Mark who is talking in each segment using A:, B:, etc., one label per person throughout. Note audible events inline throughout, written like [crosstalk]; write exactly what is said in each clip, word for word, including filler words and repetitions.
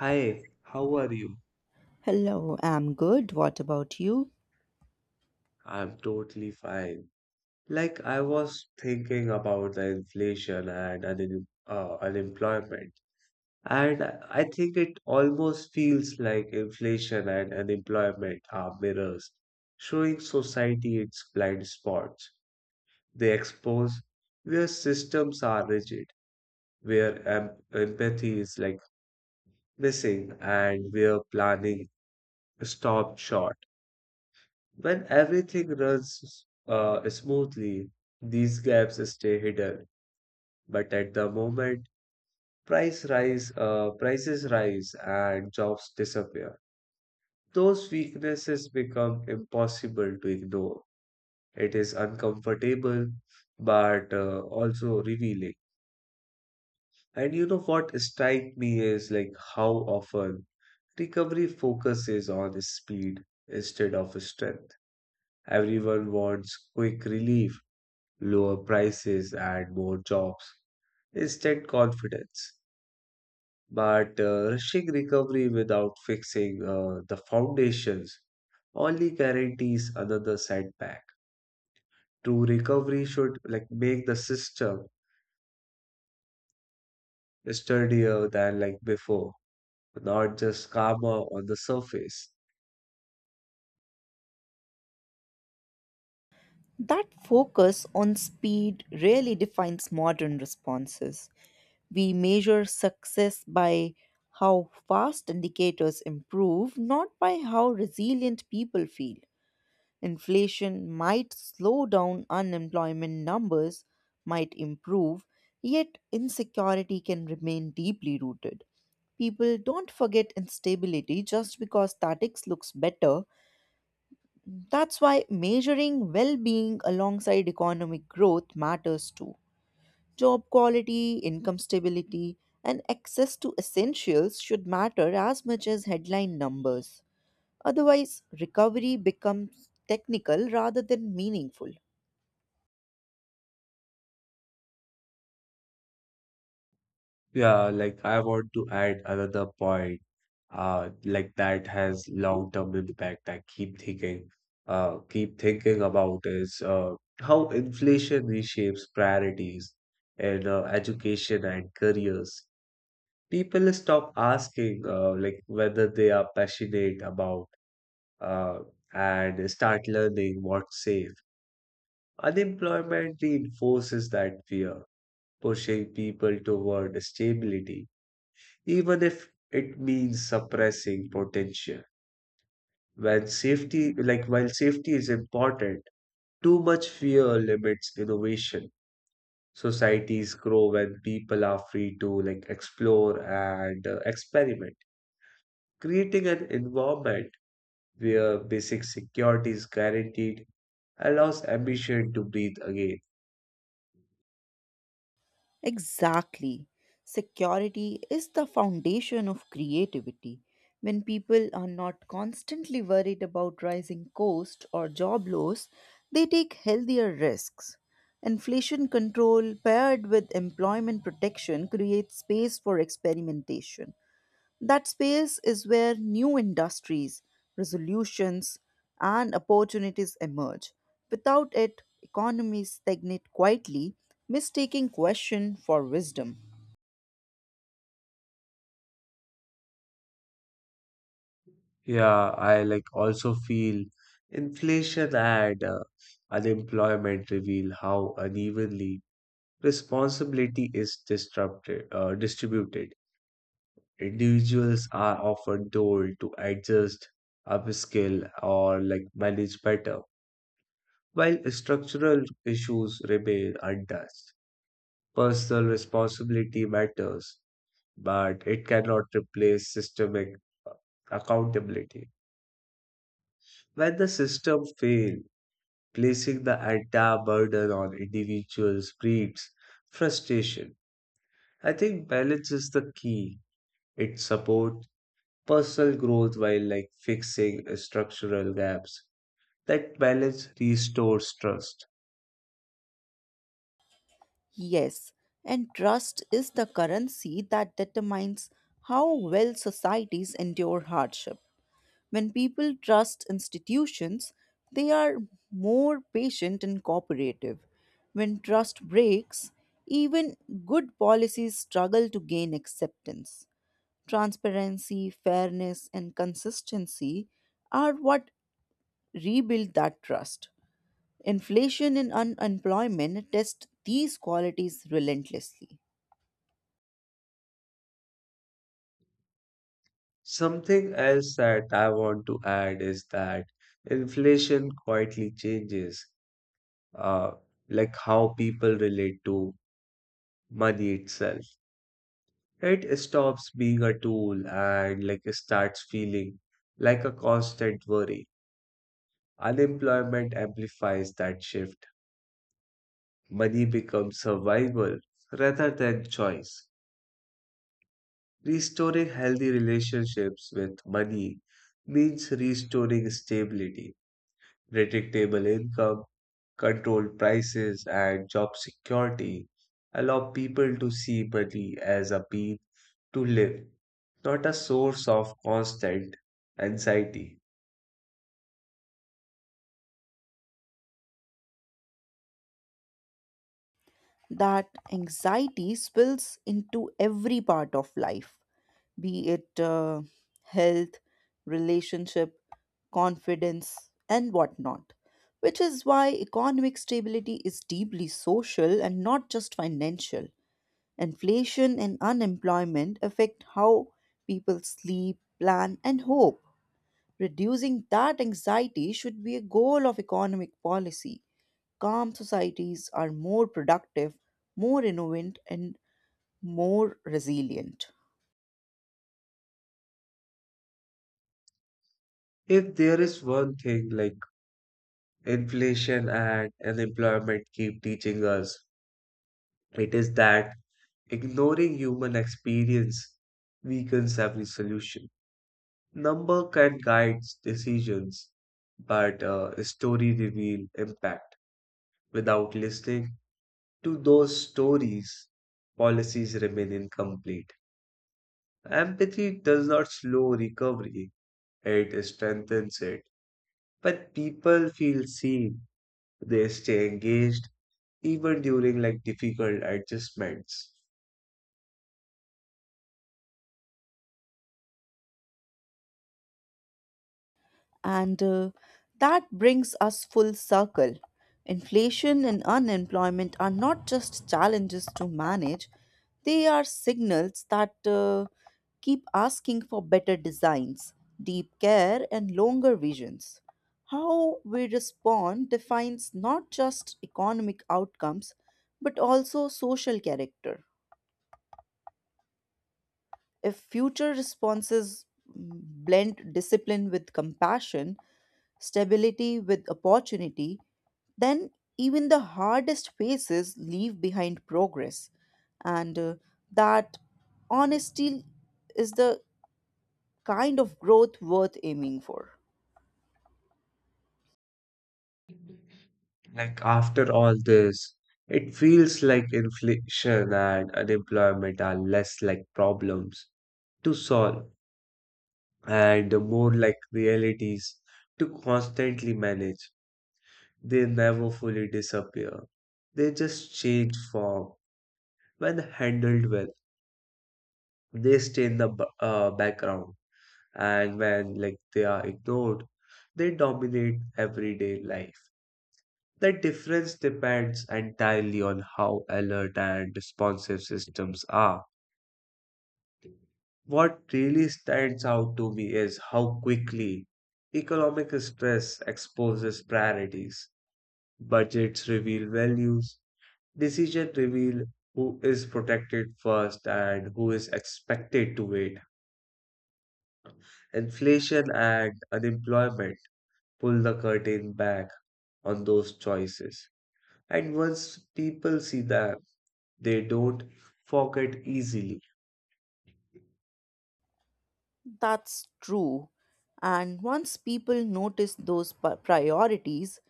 A: Hi, how are you?
B: Hello, I'm good. What about you?
A: I'm totally fine. Like I was thinking about the inflation and un uh, unemployment, and I I think it almost feels like inflation and unemployment are mirrors, showing society its blind spots. They expose where systems are rigid, where em empathy is like missing, and where planning stopped short. When everything runs uh, smoothly, these gaps stay hidden. But at the moment, price rise, uh, prices rise and jobs disappear. Those weaknesses become impossible to ignore. It is uncomfortable, but uh, also revealing. And you know what strikes me is like how often recovery focuses on speed instead of strength. Everyone wants quick relief, lower prices, and more jobs, instant confidence. But uh, rushing recovery without fixing uh, the foundations only guarantees another setback. True recovery should like make the system sturdier than like before, not just calmer on the surface.
B: That focus on speed really defines modern responses. We measure success by how fast indicators improve, not by how resilient people feel. Inflation might slow down unemployment numbers, might improve, yet insecurity can remain deeply rooted. People don't forget instability just because statics looks better. That's why measuring well being alongside economic growth matters too. Job quality, income stability, and access to essentials should matter as much as headline numbers. Otherwise, recovery becomes technical rather than meaningful.
A: Yeah, like I want to add another point, uh, like that has long-term impact. I keep thinking, uh, keep thinking about is uh, how inflation reshapes priorities in uh, education and careers. People stop asking, uh, like whether they are passionate about, uh, and start learning what's safe. Unemployment reinforces that fear, pushing people toward stability even if it means suppressing potential. When safety, like while safety is important, too much fear limits innovation. Societies grow when people are free to like explore and uh, experiment. Creating an environment where basic security is guaranteed allows ambition to breathe again.
B: Exactly. Security is the foundation of creativity. When people are not constantly worried about rising costs or job loss, they take healthier risks. Inflation control paired with employment protection creates space for experimentation. That space is where new industries, resolutions, and opportunities emerge. Without it, economies stagnate quietly, mistaking question for wisdom.
A: Yeah, I like also feel inflation and uh, unemployment reveal how unevenly responsibility is disrupted, uh, distributed. Individuals are often told to adjust, upskill, or like manage better, while structural issues remain untouched. Personal responsibility matters, but it cannot replace systemic uh, accountability. When the system fails, placing the entire burden on individuals breeds frustration. I think balance is the key. It supports personal growth while like fixing structural gaps. That balance restores trust.
B: Yes, and trust is the currency that determines how well societies endure hardship. When people trust institutions, they are more patient and cooperative. When trust breaks, even good policies struggle to gain acceptance. Transparency, fairness, and consistency are what rebuild that trust. Inflation and unemployment test these qualities relentlessly.
A: Something else that I want to add is that inflation quietly changes uh, like how people relate to money itself. It stops being a tool and like starts feeling like a constant worry. Unemployment amplifies that shift. Money becomes survival rather than choice. Restoring healthy relationships with money means restoring stability, predictable income, controlled prices, and job security. Allow people to see money as a means to live, not a source of constant anxiety.
B: That anxiety spills into every part of life, be it uh, health, relationship, confidence, and whatnot. Which is why economic stability is deeply social and not just financial. Inflation and unemployment affect how people sleep, plan, and hope. Reducing that anxiety should be a goal of economic policy. Calm societies are more productive, more innovant, and more resilient.
A: If there is one thing like inflation and unemployment keep teaching us, it is that ignoring human experience weakens every solution. Number can guide decisions, but uh, story reveal impact. Without listening to those stories, policies remain incomplete. Empathy does not slow recovery, it strengthens it. When people feel seen, they stay engaged even during like difficult adjustments.
B: And uh, That brings us full circle. Inflation and unemployment are not just challenges to manage, they are signals that uh, keep asking for better designs, deep care, and longer visions. How we respond defines not just economic outcomes but also social character. If future responses mm, blend discipline with compassion, stability with opportunity, then even the hardest phases leave behind progress. And uh, that honesty is the kind of growth worth aiming for.
A: Like after all this, it feels like inflation and unemployment are less like problems to solve and more like realities to constantly manage. They never fully disappear. They just change form. When handled well, they stay in the b- uh, background, and when like they are ignored, they dominate everyday life. The difference depends entirely on how alert and responsive systems are. What really stands out to me is how quickly economic stress exposes priorities. Budgets reveal values. Decision reveal who is protected first and who is expected to wait. Inflation and unemployment pull the curtain back on those choices. And once people see them, they don't forget easily.
B: That's true. And once people notice those pri- priorities,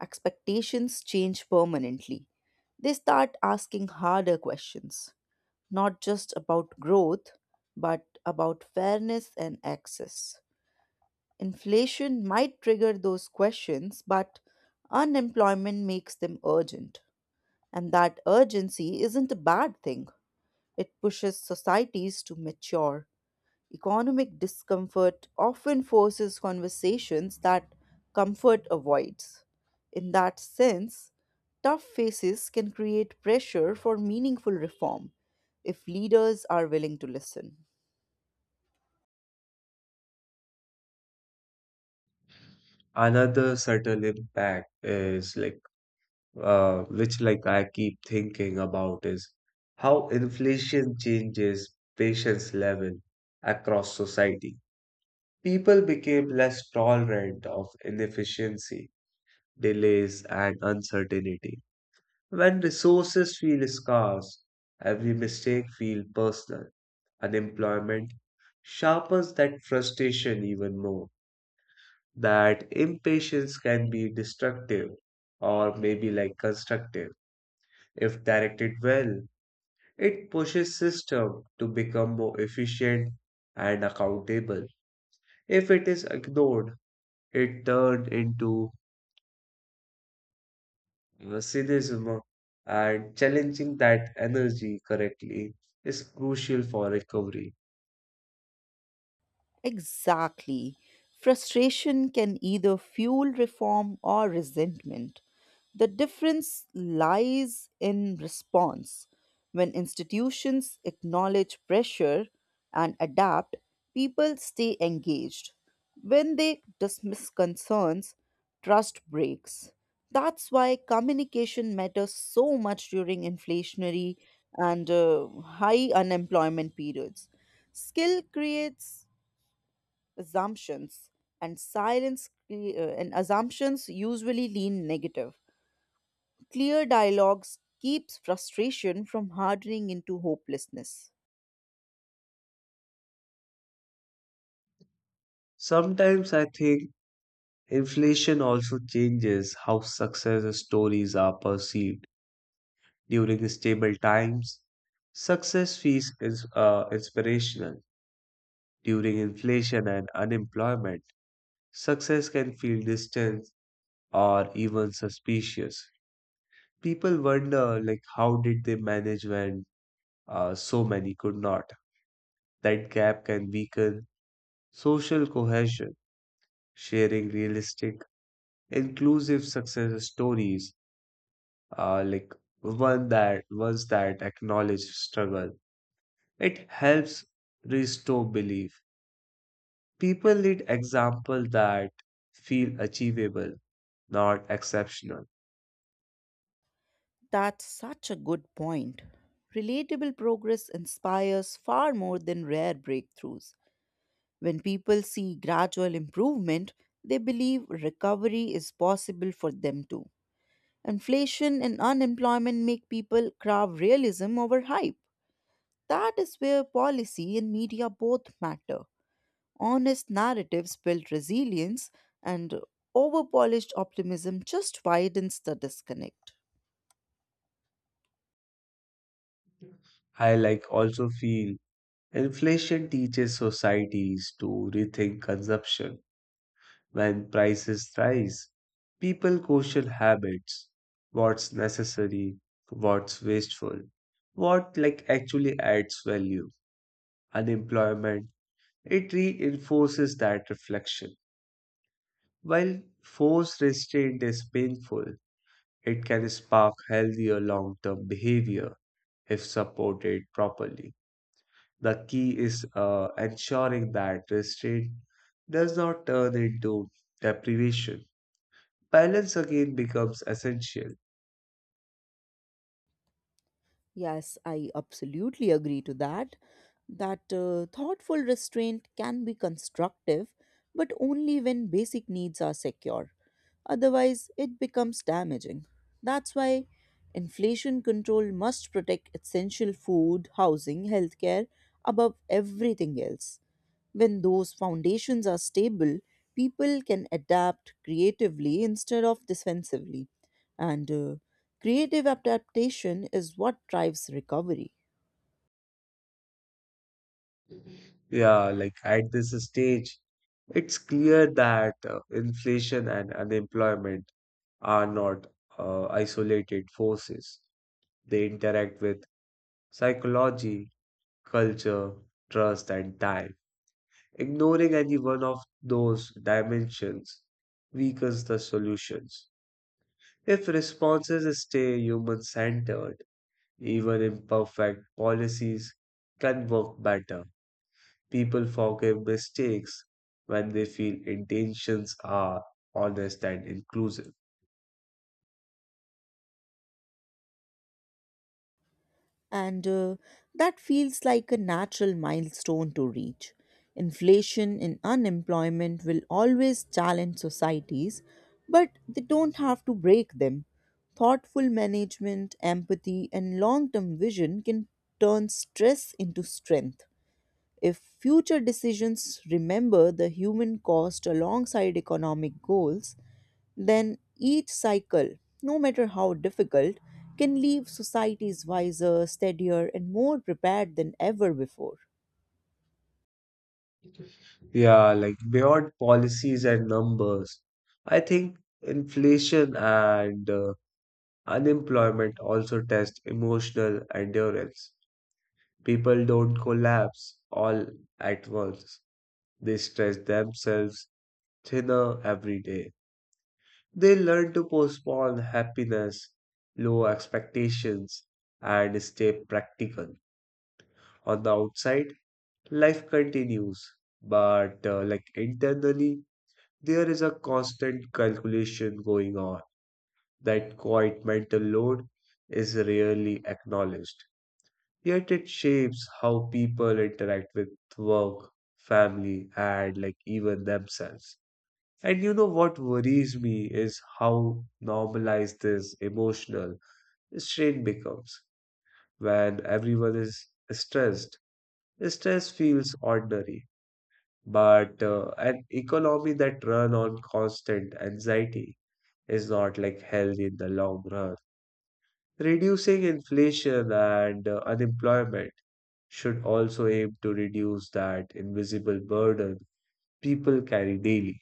B: expectations change permanently. They start asking harder questions, not just about growth, but about fairness and access. Inflation might trigger those questions, but unemployment makes them urgent. And that urgency isn't a bad thing, it pushes societies to mature. Economic discomfort often forces conversations that comfort avoids. In that sense, tough faces can create pressure for meaningful reform if leaders are willing to listen.
A: Another subtle impact is like uh, which like I keep thinking about is how inflation changes patience level across society. People became less tolerant of inefficiency, delays, and uncertainty. When resources feel scarce, every mistake feels personal. Unemployment sharpens that frustration even more. That impatience can be destructive or maybe like constructive. If directed well, it pushes system to become more efficient and accountable. If it is ignored, it turned into Uh, cynicism, and challenging that energy correctly is crucial for recovery.
B: Exactly. Frustration can either fuel reform or resentment. The difference lies in response. When institutions acknowledge pressure and adapt, people stay engaged. When they dismiss concerns, trust breaks. That's why communication matters so much during inflationary and uh, high unemployment periods. Skill creates assumptions, and silence cre- uh, and assumptions usually lean negative. Clear dialogues keeps frustration from hardening into hopelessness.
A: Sometimes I think inflation also changes how success stories are perceived during stable times. Success feels is uh, Inspirational. During inflation and unemployment, success can feel distant or even suspicious. People wonder like how did they manage when uh, so many could not. That gap can weaken social cohesion. Sharing realistic, inclusive success stories, uh, like one that ones that acknowledge struggle, it helps restore belief. People need examples that feel achievable, not exceptional.
B: That's such a good point. Relatable progress inspires far more than rare breakthroughs. When people see gradual improvement, they believe recovery is possible for them too. Inflation and unemployment make people crave realism over hype. That is where policy and media both matter. Honest narratives build resilience, and overpolished optimism just widens the disconnect.
A: I like also feel inflation teaches societies to rethink consumption. When prices rise, people question habits, what's necessary, what's wasteful, what like actually adds value. Unemployment, it reinforces that reflection. While forced restraint is painful, it can spark healthier long-term behavior if supported properly. The key is uh, ensuring that restraint does not turn into deprivation. Balance again becomes essential.
B: Yes, I absolutely agree to that. That uh, thoughtful restraint can be constructive, but only when basic needs are secure. Otherwise, it becomes damaging. That's why inflation control must protect essential food, housing, healthcare above everything else. When those foundations are stable, people can adapt creatively instead of defensively. And uh, creative adaptation is what drives recovery.
A: Yeah, like at this stage, it's clear that uh, inflation and unemployment are not uh, isolated forces. They interact with psychology, culture, trust, and time. Ignoring any one of those dimensions weakens the solutions. If responses stay human centered, even imperfect policies can work better. People forgive mistakes when they feel intentions are honest and inclusive.
B: And uh, that feels like a natural milestone to reach. Inflation and unemployment will always challenge societies, but they don't have to break them. Thoughtful management, empathy, and long term vision can turn stress into strength. If future decisions remember the human cost alongside economic goals, then each cycle, no matter how difficult, can leave societies wiser, steadier, and more prepared than ever before.
A: Yeah, like beyond policies and numbers, I think inflation and uh, unemployment also test emotional endurance. People don't collapse all at once, they stress themselves thinner every day. They learn to postpone happiness, low expectations, and stay practical. On the outside life continues, but uh, like internally there is a constant calculation going on. That quiet mental load is rarely acknowledged, yet it shapes how people interact with work, family, and like even themselves. And you know what worries me is how normalized this emotional strain becomes. When everyone is stressed, stress feels ordinary. But uh, an economy that run on constant anxiety is not like healthy in the long run. Reducing inflation and uh, unemployment should also aim to reduce that invisible burden people carry daily.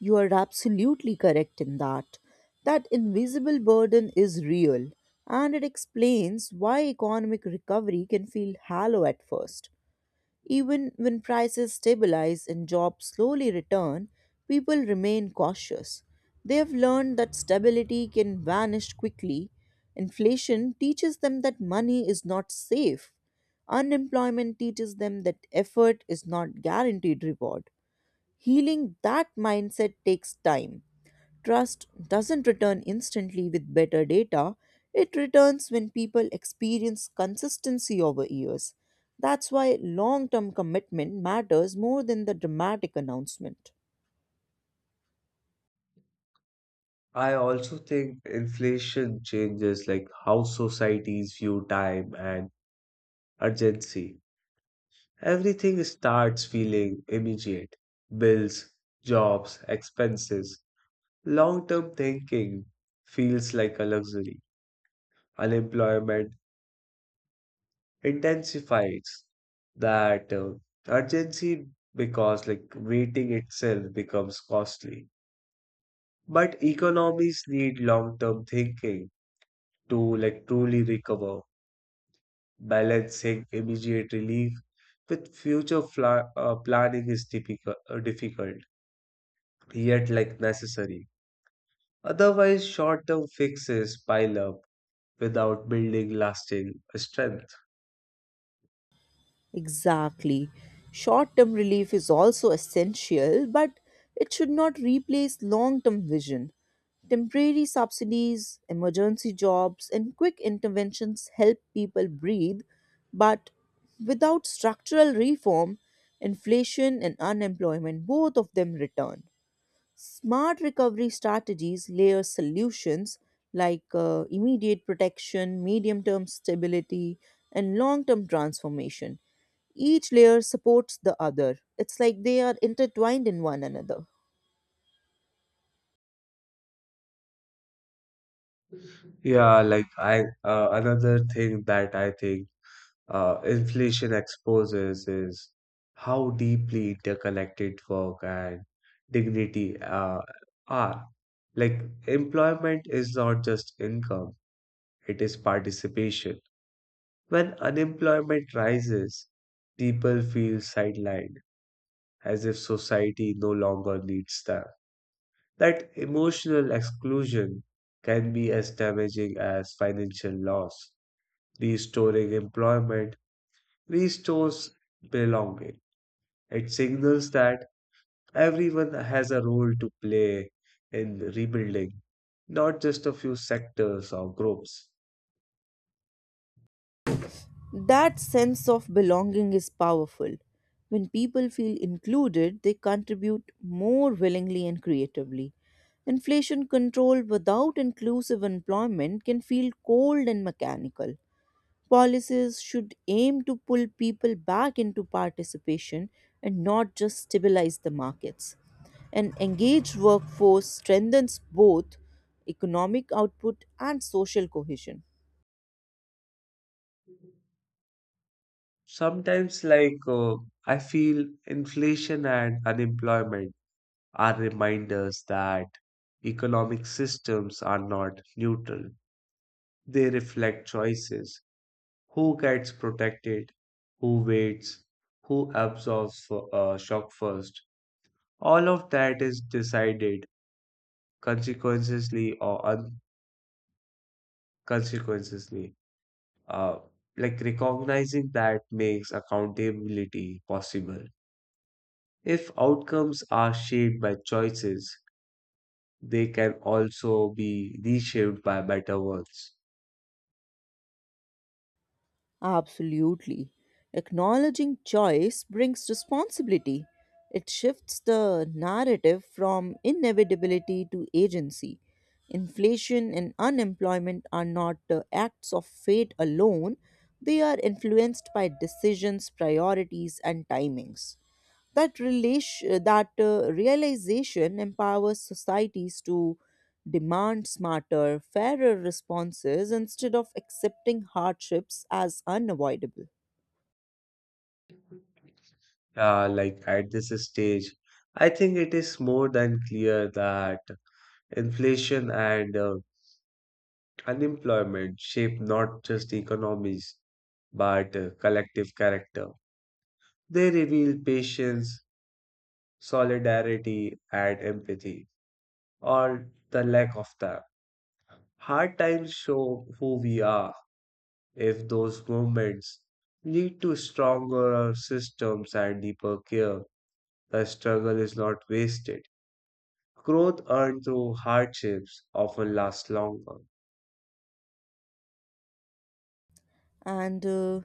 B: You are absolutely correct in that. That invisible burden is real, and it explains why economic recovery can feel hollow at first. Even when prices stabilize and jobs slowly return, people remain cautious. They have learned that stability can vanish quickly. Inflation teaches them that money is not safe. Unemployment teaches them that effort is not guaranteed reward. Healing that mindset takes time. Trust doesn't return instantly with better data, it returns when people experience consistency over years. That's why long term commitment matters more than the dramatic announcement.
A: I also think inflation changes like how societies view time and urgency. Everything starts feeling immediate. Bills, jobs, expenses. Long term thinking feels like a luxury. Unemployment intensifies that uh, urgency because, like, waiting itself becomes costly. But economies need long term thinking to, like, truly recover. Balancing immediate relief with future fla- uh, planning is difficult, uh, difficult, yet, like, necessary. Otherwise, short term fixes pile up without building lasting strength.
B: Exactly. Short term relief is also essential, but it should not replace long term vision. Temporary subsidies, emergency jobs, and quick interventions help people breathe, but without structural reform, inflation and unemployment, both of them return. Smart recovery strategies layer solutions like uh, immediate protection, medium term stability, and long term transformation. Each layer supports the other. It's like they are intertwined in one another.
A: Yeah, like I uh, another thing that I think uh, inflation exposes is how deeply interconnected work and dignity uh, are. Like employment is not just income, it is participation. When unemployment rises, people feel sidelined, as if society no longer needs them. That emotional exclusion can be as damaging as financial loss. Restoring employment restores belonging. It signals that everyone has a role to play in rebuilding, not just a few sectors or groups.
B: That sense of belonging is powerful. When people feel included, they contribute more willingly and creatively. Inflation control without inclusive employment can feel cold and mechanical. Policies should aim to pull people back into participation and not just stabilize the markets. An engaged workforce strengthens both economic output and social cohesion.
A: Sometimes, like, uh, I feel inflation and unemployment are reminders that economic systems are not neutral. They reflect choices: who gets protected, who waits, who absorbs uh, shock first. All of that is decided consequentially or unconsequentially. Uh, like recognizing that makes accountability possible. If outcomes are shaped by choices, they can also be reshaped by better ones.
B: Absolutely. Acknowledging choice brings responsibility. It shifts the narrative from inevitability to agency. Inflation and unemployment are not uh, acts of fate alone, they are influenced by decisions, priorities, and timings. That relation that uh, realization empowers societies to demand smarter, fairer responses instead of accepting hardships as unavoidable.
A: Uh, like at this stage, I think it is more than clear that inflation and uh, unemployment shape not just economies but uh, collective character. They reveal patience, solidarity, and empathy, or the lack of them. Hard times show who we are. If those moments lead to stronger systems and deeper care, the struggle is not wasted. Growth earned through hardships often lasts longer.
B: And uh,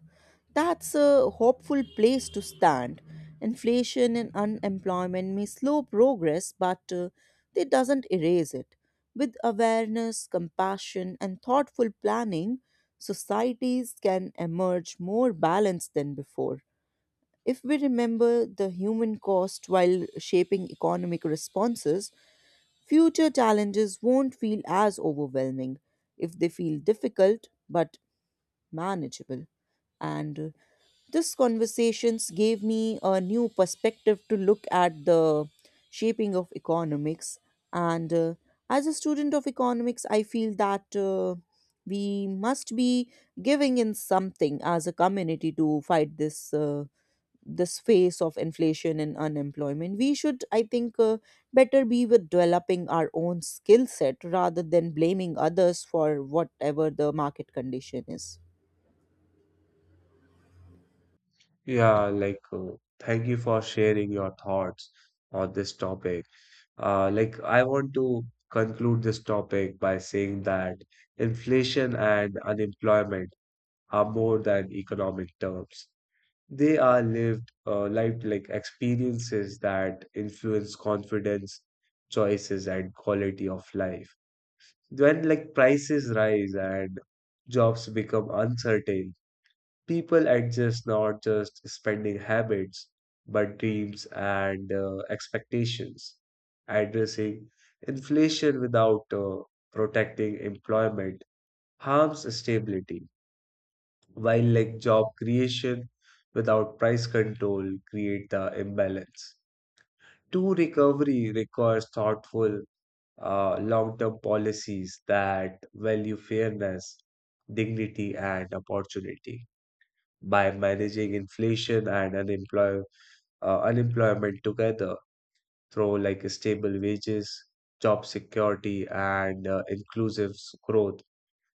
B: that's a hopeful place to stand. Inflation and unemployment may slow progress, but uh, it doesn't erase it. With awareness, compassion, and thoughtful planning, societies can emerge more balanced than before. If we remember the human cost while shaping economic responses, future challenges won't feel as overwhelming, if they feel difficult but manageable. And uh, this conversations gave me a new perspective to look at the shaping of economics. And uh, as a student of economics, I feel that uh, we must be giving in something as a community to fight this. Uh, this phase of inflation and unemployment, we should i think uh, better be with developing our own skill set rather than blaming others for whatever the market condition is.
A: Yeah, like, uh, thank you for sharing your thoughts on this topic. Uh, like, I want to conclude this topic by saying that inflation and unemployment are more than economic terms. They are lived, uh, lived like experiences that influence confidence, choices, and quality of life. When like prices rise and jobs become uncertain, people adjust not just spending habits, but dreams and uh, expectations. Addressing inflation without uh, protecting employment harms stability, while like job creation without price control create the imbalance. True recovery requires thoughtful, uh, long-term policies that value fairness, dignity, and opportunity. By managing inflation and unemploy uh, unemployment together through like stable wages, job security, and uh, inclusive s- growth,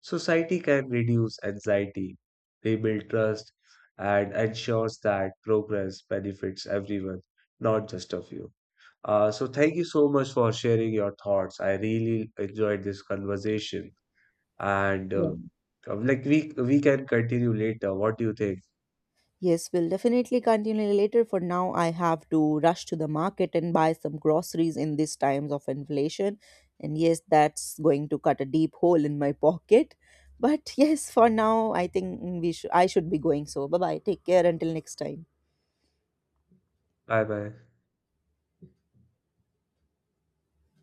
A: society can reduce anxiety, rebuild trust, and ensures that progress benefits everyone, not just a few. Uh, so thank you so much for sharing your thoughts. I really enjoyed this conversation, and
B: Yeah.
A: uh, um, like we we can continue later. What do you think?
B: Yes, we'll definitely continue later. For now, I have to rush to the market and buy some groceries in these times of inflation, and yes, that's going to cut a deep hole in my [laughs] pocket. But yes, for now, i think we should i should be going. So bye bye, take care until next time.
A: Bye bye.